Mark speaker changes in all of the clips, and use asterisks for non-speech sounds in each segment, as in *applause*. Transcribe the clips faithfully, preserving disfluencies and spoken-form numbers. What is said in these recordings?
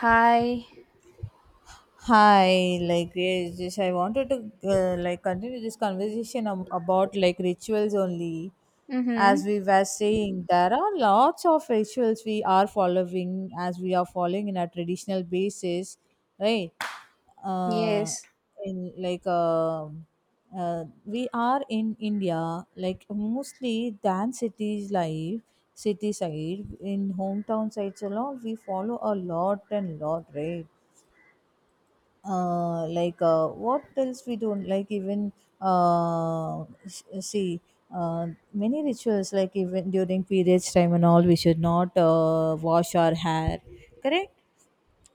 Speaker 1: Hi.
Speaker 2: Hi, like yes, yes, I wanted to uh, like continue this conversation ab- about like rituals only. As
Speaker 1: Mm-hmm.
Speaker 2: we were saying, there are lots of rituals we are following as we are following in a traditional basis, right? Uh,
Speaker 1: Yes.
Speaker 2: in like um uh, We are in India, like mostly than cities life, city side in hometown sites and all. We follow a lot and lot, right? Uh, like uh, what else we don't like even uh, s- see uh, many rituals like even during periods time and all we should not uh, wash our hair, correct.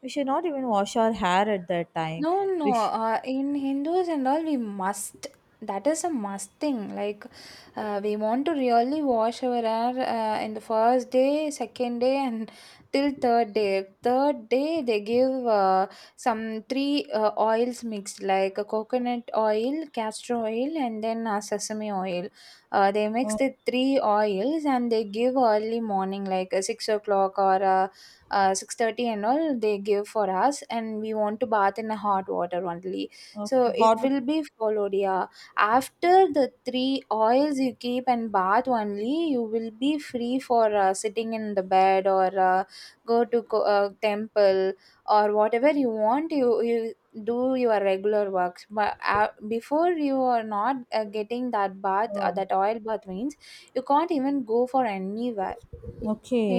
Speaker 2: We should not even wash our hair at that time.
Speaker 1: No,
Speaker 2: we
Speaker 1: no.
Speaker 2: sh-
Speaker 1: Uh, in Hindus and all, we must. That is a must thing. Like, uh, we want to really wash our hair uh, in the first day, second day, and till third day. Third day, they give uh, some three uh, oils mixed, like a coconut oil, castor oil, and then uh, sesame oil. Uh, they mix
Speaker 2: oh,
Speaker 1: the three oils and they give early morning, like uh, six o'clock or uh, uh, six thirty and all they give for us, and we want to bath in a hot water only, so
Speaker 2: okay,
Speaker 1: it
Speaker 2: hot.
Speaker 1: will be followed, yeah. After the three oils you keep and bath only, you will be free for uh, sitting in the bed or uh, go to co- uh, temple or whatever you want, you you do your regular works, but uh, before you are not uh, getting that bath, uh,
Speaker 2: Oh.
Speaker 1: that oil bath means you can't even go for anywhere.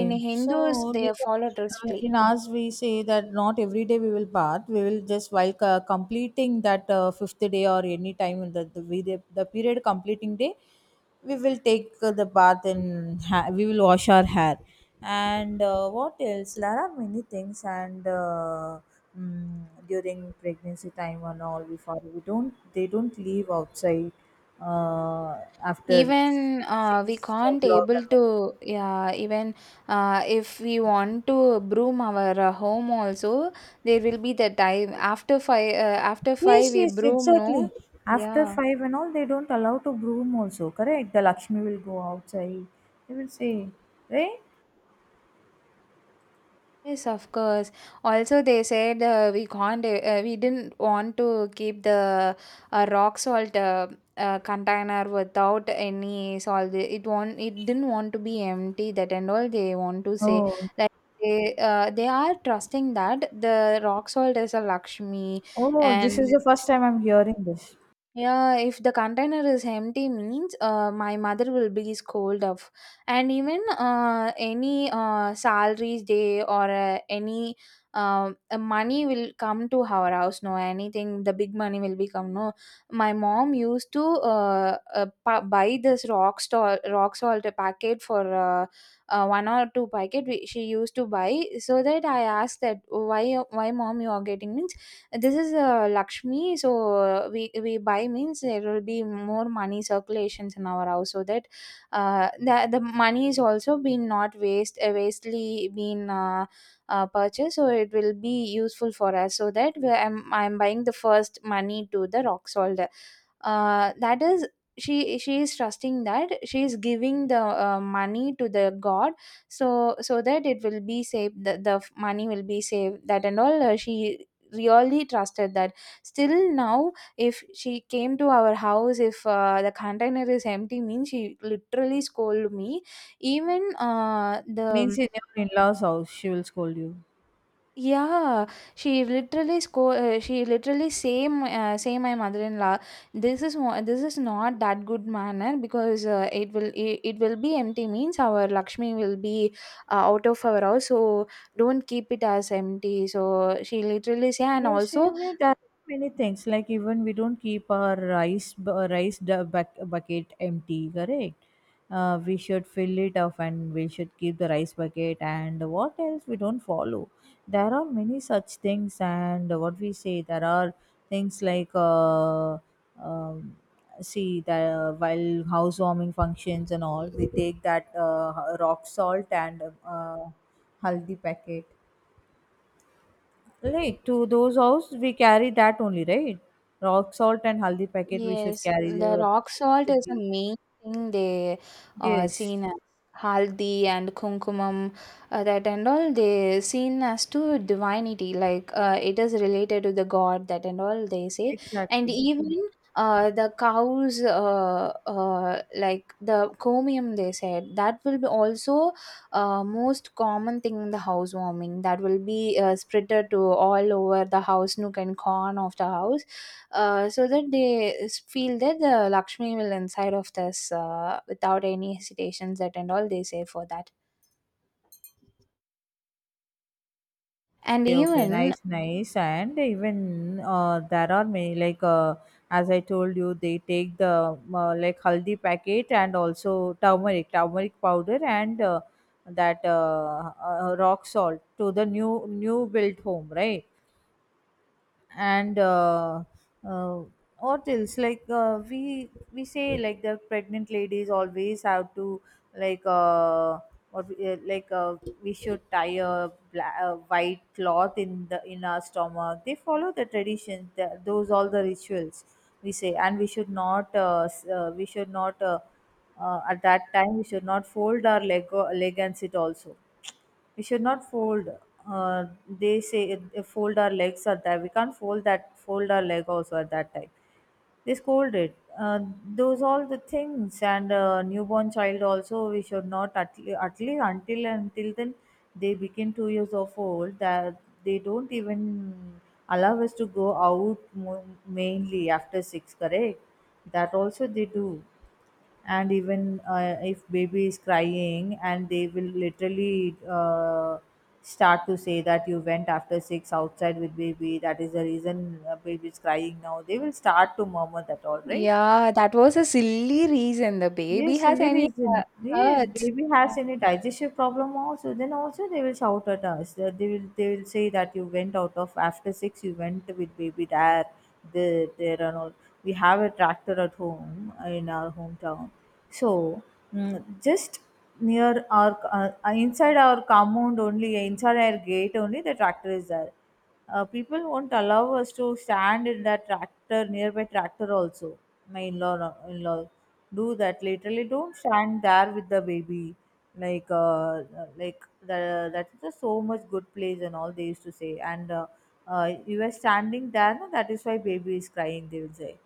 Speaker 1: In Hindus
Speaker 2: so
Speaker 1: they
Speaker 2: because,
Speaker 1: follow
Speaker 2: uh,
Speaker 1: strictly.
Speaker 2: in ours we say that not every day we will bath. We will just while uh, completing that uh, fifth day or any time in the the, we- the the period completing day, we will take uh, the bath and ha- we will wash our hair. And uh, what else? There are many things. And uh, mm, during pregnancy time and all, we follow. We don't. They don't leave outside uh, after
Speaker 1: Even uh, we
Speaker 2: six
Speaker 1: can't
Speaker 2: o'clock and
Speaker 1: able
Speaker 2: all.
Speaker 1: to, yeah, even uh, if we want to broom our uh, home also, there will be the time after five. Uh, after
Speaker 2: Yes,
Speaker 1: five we
Speaker 2: yes,
Speaker 1: broom,
Speaker 2: exactly.
Speaker 1: no?
Speaker 2: After
Speaker 1: Yeah.
Speaker 2: five and all, they don't allow to broom also, correct? The Lakshmi will go outside. They will say, right?
Speaker 1: Yes, of course. Also, they said uh, we can't, uh, we didn't want to keep the uh, rock salt uh, uh, container without any salt. It won't, it didn't want to be empty. That and all they want to say,
Speaker 2: Oh,
Speaker 1: like, they uh, they are trusting that the rock salt is a Lakshmi
Speaker 2: oh, this
Speaker 1: and.
Speaker 2: is the first time I'm hearing this.
Speaker 1: Yeah, if the container is empty means uh, my mother will be scolded off. And even uh, any uh, salaries day or uh, any um, uh, money will come to our house. No, anything, the big money will become. No, my mom used to uh, uh, pa- buy this rock salt, rock salt packet for uh, uh, one or two packet we, she used to buy. So that I asked that why, why mom you are getting me? This is uh, Lakshmi, so uh, we we buy means there will be more money circulations in our house, so that uh, the the money is also been not waste, uh, wastely been. Uh, uh, purchased, so it will be useful for us, so that we, I'm, I'm buying the first money to the rock salt, uh, that is, she she is trusting that she is giving the uh, money to the god, so so that it will be saved, the, the money will be saved. That and all uh, she really trusted that. Still now, if she came to our house, if uh, the container is empty means she literally scolded me, even uh,
Speaker 2: Means
Speaker 1: the
Speaker 2: in your in-laws' house, she will scold you.
Speaker 1: yeah. She literally sco- uh, she literally say my- uh, say my mother-in-law, this is mo- this is not that good manner because uh, it will, it, it will be empty means our Lakshmi will be uh, out of our house, so don't keep it as empty. So she literally say. And
Speaker 2: Yes,
Speaker 1: also,
Speaker 2: same way. There are many things. Like even we don't keep our rice bu- uh, rice du- buck- bucket empty. Correct. Uh, we should fill it up, and we should keep the rice bucket. And what else we don't follow? There are many such things, and what we say there are things like uh, um, see that while housewarming functions and all, we take that uh, rock salt and uh, haldi packet. Right, to those house we carry that only, right? Rock salt and haldi packet we should
Speaker 1: yes,
Speaker 2: carry. They
Speaker 1: the
Speaker 2: were-
Speaker 1: rock
Speaker 2: We
Speaker 1: salt
Speaker 2: should
Speaker 1: is
Speaker 2: give
Speaker 1: a
Speaker 2: them.
Speaker 1: main thing they are
Speaker 2: Yes,
Speaker 1: seen as. Haldi and kumkumam, uh, that and all they seen as to divinity, like uh, it is related to the god, that and all they say. And
Speaker 2: exactly.
Speaker 1: even uh, the cows, uh, uh, like the chromium they said, that will be also uh, most common thing in the housewarming. That will be uh, spreaded to all over the house, nook and corner of the house, uh, so that they s- feel that the Lakshmi will inside of this uh, without any hesitations. That and all they say for that. And
Speaker 2: Okay, okay,
Speaker 1: even,
Speaker 2: nice, nice. And even uh, there are many, like uh, as I told you, they take the uh, like haldi packet and also turmeric, turmeric powder and uh, that uh, uh, rock salt to the new new built home, right? And uh, uh, what else like uh, we we say like the pregnant ladies always have to like uh, what we- uh, like uh, we should tie a, bla- a white cloth in the in our stomach, they follow the tradition, the, those all the rituals we say. And we should not uh, s- uh, we should not uh, uh, at that time we should not fold our leg, uh, leg and sit also. We should not fold uh, they say it, uh, fold our legs. At that we can't fold, that fold our leg also at that time they scolded uh, those all the things. And uh, newborn child also we should not at, le- at least until until then they begin two years of old, that they don't even allow us to go out, mo- mainly after six, correct. That also they do. And even uh, if baby is crying and they will literally uh, start to say that you went after six outside with baby, that is the reason uh, baby is crying now. They will start to murmur that, all right.
Speaker 1: yeah, that was a silly reason. The baby
Speaker 2: Yes,
Speaker 1: has
Speaker 2: silly
Speaker 1: any uh,
Speaker 2: reason. Yes,
Speaker 1: hurts.
Speaker 2: baby
Speaker 1: Yeah.
Speaker 2: has any digestive problem also, then also they will shout at us. That, they will, they will say that you went out of after six. You went with baby there, there, there and all. We have a tractor at home uh, in our hometown. So mm, just near our uh, inside our compound only, inside our gate only, the tractor is there. Uh, people won't allow us to stand in that tractor, nearby tractor also. My in-law in-law do that literally, don't stand there with the baby, like uh, like the, that's just so much good place and all they used to say. And uh, uh, you are standing there no, that is why baby is crying, they will say.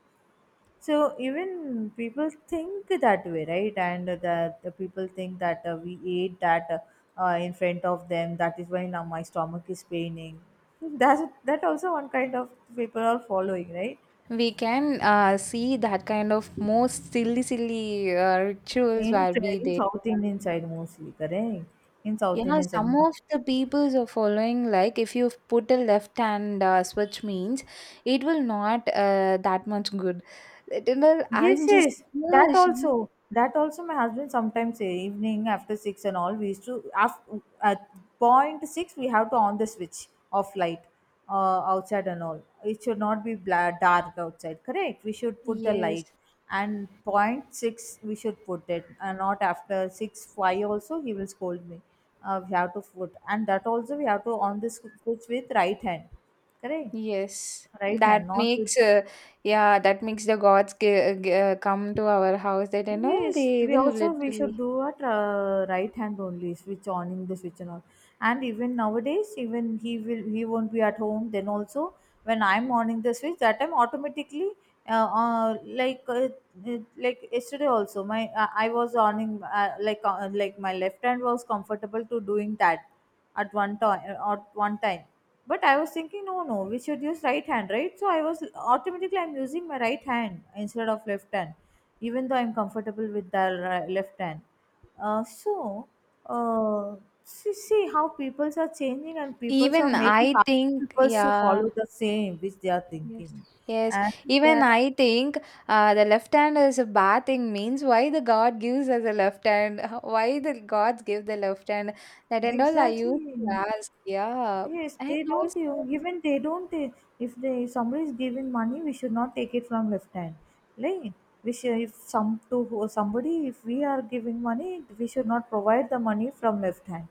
Speaker 2: So even people think that way, right. And that the people think that uh, we ate that uh, in front of them, that is why now my stomach is paining. *laughs* That's, that also one kind of people are following, right.
Speaker 1: We can uh, see that kind of most silly, silly uh, rituals
Speaker 2: In
Speaker 1: where be
Speaker 2: train,
Speaker 1: there.
Speaker 2: South Indian side mostly, correct? In South
Speaker 1: Yeah,
Speaker 2: Indian side.
Speaker 1: some of the peoples are following, like if you put a left hand uh, switch means it will not uh, that much good. It will,
Speaker 2: Yes,
Speaker 1: I'm just,
Speaker 2: yes, that
Speaker 1: yeah, sure.
Speaker 2: also. That also, my husband sometimes say evening after six and all. We used to after, at point six we have to on the switch of light uh, outside and all. It should not be bla- dark outside. Correct. We should put the
Speaker 1: Yes,
Speaker 2: light, and point six we should put it, and not after six five also he will scold me. Uh, we have to put, and that also we have to on the sw- switch with right hand. Correct.
Speaker 1: yes.
Speaker 2: Right
Speaker 1: That
Speaker 2: hand, not with.
Speaker 1: makes uh, yeah, that makes the gods g- g- uh, come to our house. That and all
Speaker 2: Yes,
Speaker 1: they
Speaker 2: we
Speaker 1: will
Speaker 2: also we should
Speaker 1: literally.
Speaker 2: do at uh, right hand only, switch on the switch and all. And even nowadays, even he will, he won't be at home. Then also, when I'm on the switch, that time automatically, uh, uh, like uh, it- like yesterday also my uh, I was earning uh, like uh, like my left hand was comfortable to doing that at one time at one time. But I was thinking no no, we should use right hand, right. So I was automatically, I'm using my right hand instead of left hand, even though I'm comfortable with the ri- left hand. uh, so uh, See, see how peoples are changing and peoples are
Speaker 1: Even
Speaker 2: making
Speaker 1: I
Speaker 2: other
Speaker 1: think,
Speaker 2: peoples to
Speaker 1: yeah.
Speaker 2: follow the same which they are
Speaker 1: Yes.
Speaker 2: thinking.
Speaker 1: Yes.
Speaker 2: And there
Speaker 1: Even
Speaker 2: are,
Speaker 1: I think uh, the left hand is a bad thing means why the God gives us a left hand, *laughs* why the gods give the left hand. That and all I used
Speaker 2: exactly.
Speaker 1: to ask. Yeah.
Speaker 2: Yes,
Speaker 1: And
Speaker 2: they don't
Speaker 1: also,
Speaker 2: even given, they don't eh, if they somebody is giving money, we should not take it from left hand. Like we should, if some to who- somebody, if we are giving money, we should not provide the money from left hand.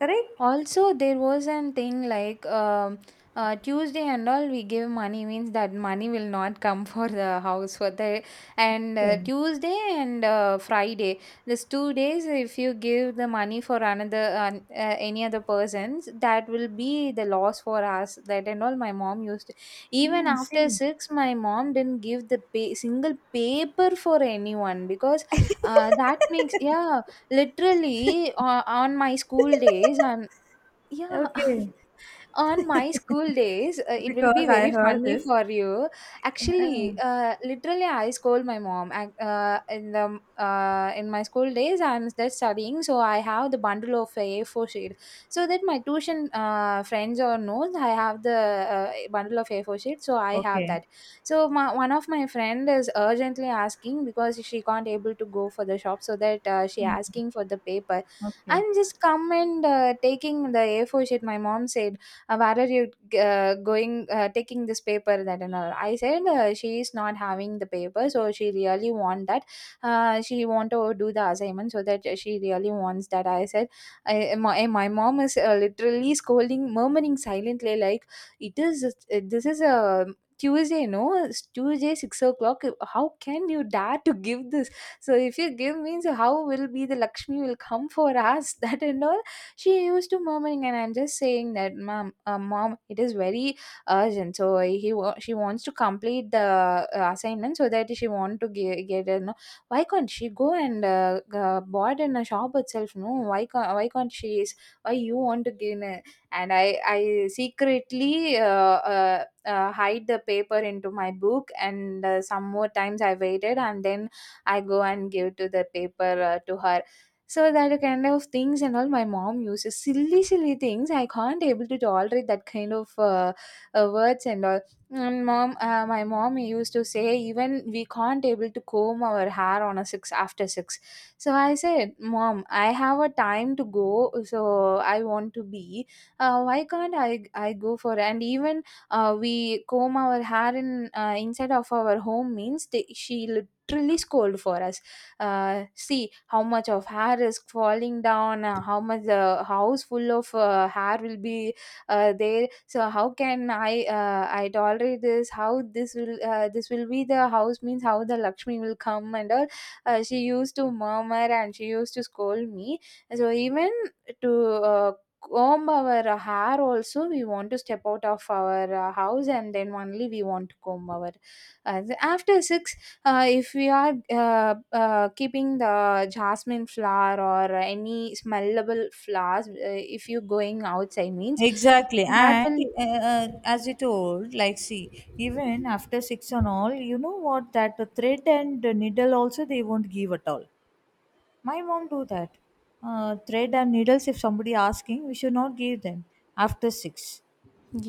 Speaker 2: Correct?
Speaker 1: also, there was an thing like um, uh, Tuesday and all we give money means that money will not come *laughs* for the house, for the and
Speaker 2: Okay.
Speaker 1: uh, Tuesday and uh, Friday, these two days if you give the money for another uh, uh, any other persons, that will be the loss for us. That and all my mom used to. Even
Speaker 2: Hmm,
Speaker 1: after
Speaker 2: see.
Speaker 1: six my mom didn't give the pay, single paper for anyone because uh, that makes, yeah. Literally uh, on my school days, and yeah. *laughs*
Speaker 2: Okay.
Speaker 1: On my school days, uh, it will be
Speaker 2: Because I
Speaker 1: very
Speaker 2: heard
Speaker 1: funny
Speaker 2: this.
Speaker 1: for you.
Speaker 2: Yeah.
Speaker 1: Actually, uh, literally, I scold my mom, ac- uh, in the uh, in my school days. I'm just studying, so I have the bundle of a A4 sheet, so that my tuition uh, friends or knows I have the uh, bundle of A four sheet, so I have
Speaker 2: Okay.
Speaker 1: that. So my, one of my friend is urgently asking because she can't able to go for the shop, so that uh, she asking for the paper
Speaker 2: Okay.
Speaker 1: and just come and uh, taking the A four sheet. My mom said, uh, "Where are you uh, going? Uh, taking this paper that and all." I said, uh, "She is not having the paper, so she really want that. Uh, she want to do the assignment, so that she really wants that." I said, I, my, eh, my mom is uh, literally scolding, murmuring silently, like, "It is. uh, This is a." Tuesday, no, it's Tuesday, six o'clock. How can you dare to give this? So if you give means how will be the Lakshmi will come for us, *laughs* that and all. She used to murmuring, and I'm just saying that mom, uh, mom, it is very urgent. So he wa- she wants to complete the uh, assignment, so that she want to ge- get a no. Why can't she go and uh, uh, board in a shop itself? No, why can't why can't she is, why you want to gain a? And I I secretly uh, uh, uh, hide the paper into my book, and uh, some more times I waited, and then I go and give to the paper uh, to her. So that kind of things and all my mom uses silly, silly things. I can't able to tolerate that kind of uh, uh, words and all. And mom uh, my mom used to say even we can't able to comb our hair on a six, after six. So I said, mom, I have a time to go, so I want to be, uh, why can't I i go for? And even uh, we comb our hair in uh, inside of our home means they, she literally scold for us. Uh, see how much of hair is falling down, uh, how much the house full of uh, hair will be uh, there. So how can i uh, i tolerate this? How this will, uh, this will be the house means how the Lakshmi will come, and all. Uh, she used to murmur, and she used to scold me. So even to uh, comb our uh, hair also, we want to step out of our uh, house and then only we want to comb our uh, after six. Uh, if we are uh, uh, keeping the jasmine flower or any smellable flowers, uh, if you going outside means
Speaker 2: Exactly,
Speaker 1: that
Speaker 2: and
Speaker 1: will,
Speaker 2: uh, uh, as you told, like, see, even after six and all, you know what? That the thread and the needle also they won't give at all. My mom do that. Uh, thread and needles. If somebody asking, we should not give them after six.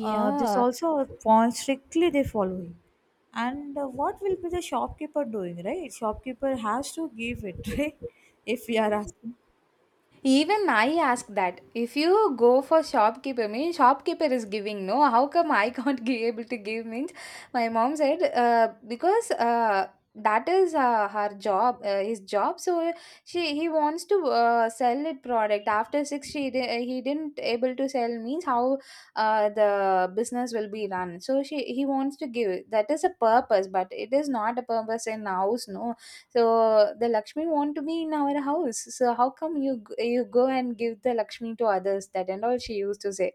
Speaker 2: Uh, this also a point strictly they following. And uh, what will be the shopkeeper doing, right? Shopkeeper has to give it, *laughs* right? If we are asking.
Speaker 1: Even I ask that, if you go for shopkeeper means, shopkeeper is giving, no? How come I *laughs* can't be able to give? Means my mom said, uh, because uh, that is uh, her job, uh, his job. So she he wants to uh, sell it product. After six, she di- he didn't able to sell. Means how uh, the business will be run. So she he wants to give. That is a purpose, but it is not a purpose in house, no. So the Lakshmi want to be in our house. So how come you g- you go and give the Lakshmi to others? That and all she used to say.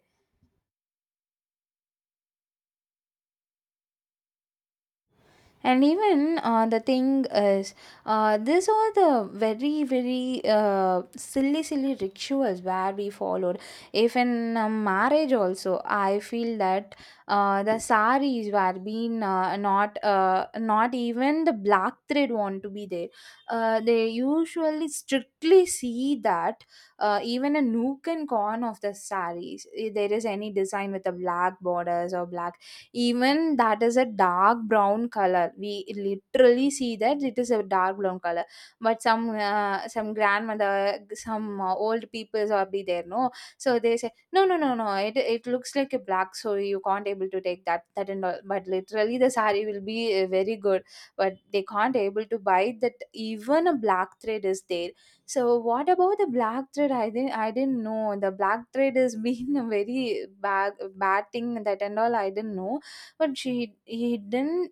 Speaker 1: And even uh, the thing is, uh, these are the very, very uh, silly, silly rituals where we followed. If in a marriage also, I feel that uh, the saris were being uh, not, uh, not even the black thread want to be there. Uh, they usually strictly see that uh, even a nook and corner of the saris, if there is any design with the black borders or black, even that is a dark brown color. We literally see that it is a dark brown color, but some uh, some grandmother, some uh, old peoples are be there, no? So they say no, no, no, no, it, it looks like a black, so you can't able to take that that and all, but literally the saree will be uh, very good, but they can't able to buy that even a black thread is there. So what about the black thread? I didn't I didn't know the black thread has *laughs* been a very bad bad thing that and all, I didn't know. But she he didn't,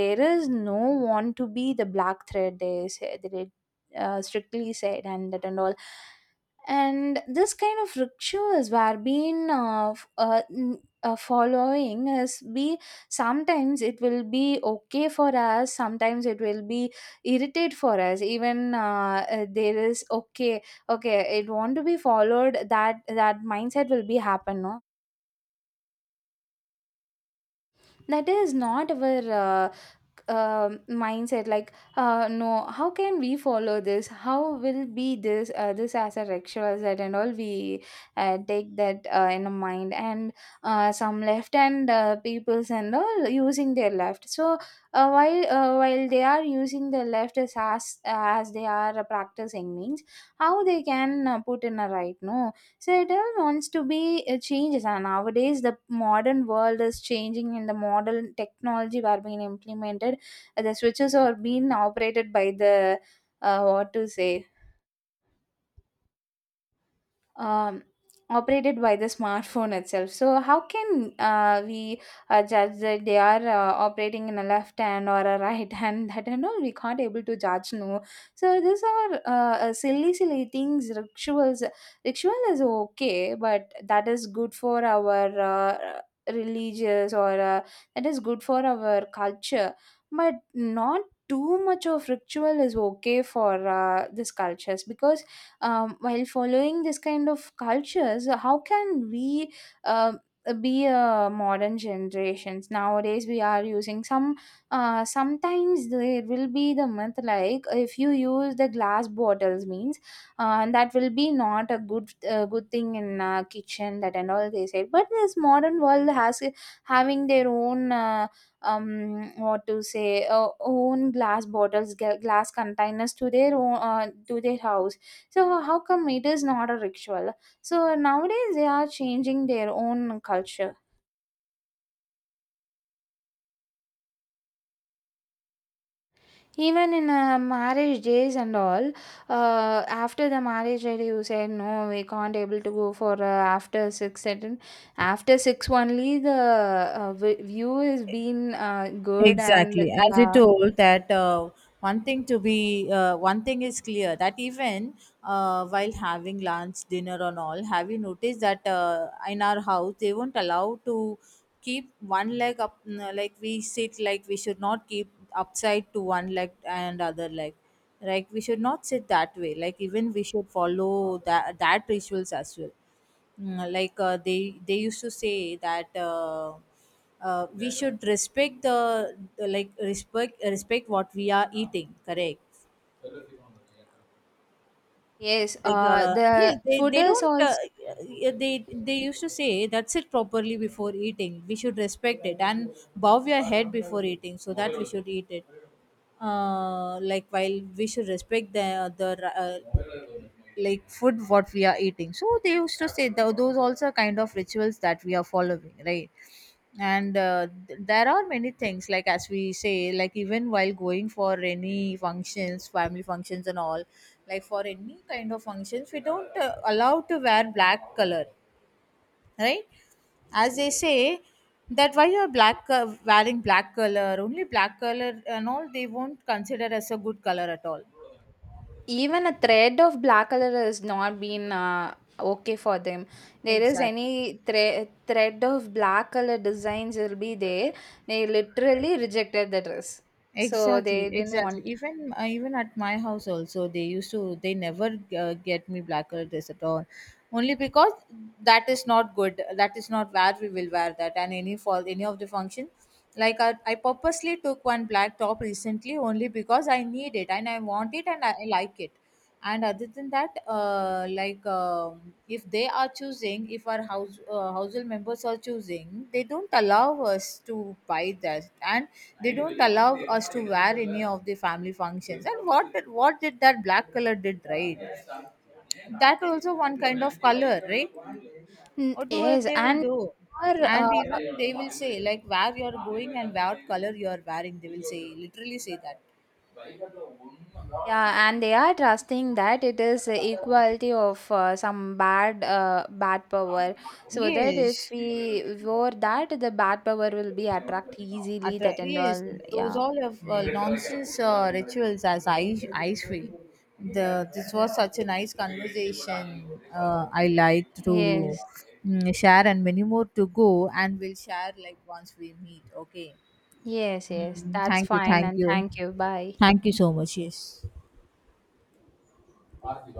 Speaker 1: there is no want to be the black thread, they say they uh, strictly said and that and all. And this kind of rituals were being uh, f- uh, n- uh, following is be. Sometimes it will be okay for us, sometimes it will be irritate for us, even uh, uh, there is okay, okay it want to be followed, that that mindset will be happen, no? That is not our, uh, um mindset like. Uh, no, how can we follow this? How will be this uh, this as a ritual set and all, we uh, take that uh, in a mind. And uh, some left hand uh, peoples and all using their left. So uh, while uh, while they are using their left as as, as they are practicing means, how they can uh, put in a right, no? So it all wants to be uh, changes, and nowadays the modern world is changing and the modern technology are being implemented. Uh, the switches are being operated by the uh, what to say, um, operated by the smartphone itself. So how can uh, we uh, judge that they are uh, operating in a left hand or a right hand? *laughs* That and all we can't able to judge. No, so these are uh, uh, silly, silly things. Rituals, ritual is okay, but that is good for our. Uh, religious or uh, that is good for our culture, but not too much of ritual is okay for uh, these cultures, because um, while following this kind of cultures, how can we uh, be a modern generations? Nowadays we are using some uh, sometimes there will be the myth like if you use the glass bottles means uh, that will be not a good uh, good thing in uh, kitchen, that and all they said. But this modern world has having their own uh, um what to say, uh, own glass bottles, gla- glass containers to their own uh, to their house. So how come it is not a ritual? So nowadays they are changing their own culture. Even in uh, marriage days and all, uh, after the marriage day, you say no, we can't able to go for uh, after six. Certain after six only the uh, vi- view is been uh, good, and
Speaker 2: Exactly. As you
Speaker 1: yeah.
Speaker 2: told that uh, one thing to be, uh, one thing is clear that even uh, while having lunch, dinner, and all, have you noticed that uh, in our house they won't allow to keep one leg up n- like we sit, like we should not keep upside to one leg and other leg. Like we should not sit that way. Like even we should follow that that rituals as well. Mm, like uh, they they used to say that. Uh, uh, we should respect the, the like respect, respect what we are eating, correct.
Speaker 1: Yes,
Speaker 2: Like
Speaker 1: uh,
Speaker 2: uh,
Speaker 1: the
Speaker 2: yeah, they,
Speaker 1: food
Speaker 2: they
Speaker 1: is
Speaker 2: don't uh,
Speaker 1: also.
Speaker 2: yeah, they they used to say that's it properly. Before eating we should respect it and bow your head before eating, so that we should eat it. Uh, like while we should respect the the uh, like food what we are eating, so they used to say tho- those also kind of rituals that we are following, right. And uh, th- there are many things, like as we say, like even while going for any functions, family functions and all, like for any kind of functions we don't uh, allow to wear black color, right. As they say, that why you're black, uh, wearing black color, only black color and all they won't consider as a good color at all.
Speaker 1: Even a thread of black color has not been uh, okay for them. There is
Speaker 2: exactly
Speaker 1: any thre- thread of black color designs will be there, they literally rejected the dress. So
Speaker 2: exactly
Speaker 1: they didn't
Speaker 2: exactly,
Speaker 1: want.
Speaker 2: even uh, even at my house also they used to, they never uh, get me blacker this at all, only because that is not good, that is not where we will wear that and any for any of the function. Like I, I purposely took one black top recently, only because I need it and I want it and i, I like it. And other than that uh, like um, if they are choosing, if our house uh, household members are choosing, they don't allow us to buy that. And they don't allow us to wear any of the family functions. And what did what did that black color did, right. That also one kind of color, right.
Speaker 1: Mm,
Speaker 2: What do
Speaker 1: yes.
Speaker 2: they will
Speaker 1: And
Speaker 2: do.
Speaker 1: or, uh,
Speaker 2: And even they will say, like where you are going and what color you are wearing, they will say, literally say that.
Speaker 1: yeah, and they are trusting that it is equality of uh, some bad uh, bad power, so that if
Speaker 2: Yes,
Speaker 1: we wore that the bad power will be attract easily
Speaker 2: attra-
Speaker 1: that and
Speaker 2: yes,
Speaker 1: all,
Speaker 2: those
Speaker 1: yeah.
Speaker 2: all of uh, nonsense uh, rituals, as i I feel. The this was such a nice conversation, uh, I like to
Speaker 1: Yes.
Speaker 2: mm, share, and many more to go, and we'll share like once we meet, okay.
Speaker 1: Yes, yes.
Speaker 2: Mm,
Speaker 1: That's
Speaker 2: thank you
Speaker 1: fine.
Speaker 2: thank
Speaker 1: And
Speaker 2: you,
Speaker 1: thank you. Bye.
Speaker 2: thank you so much, yes.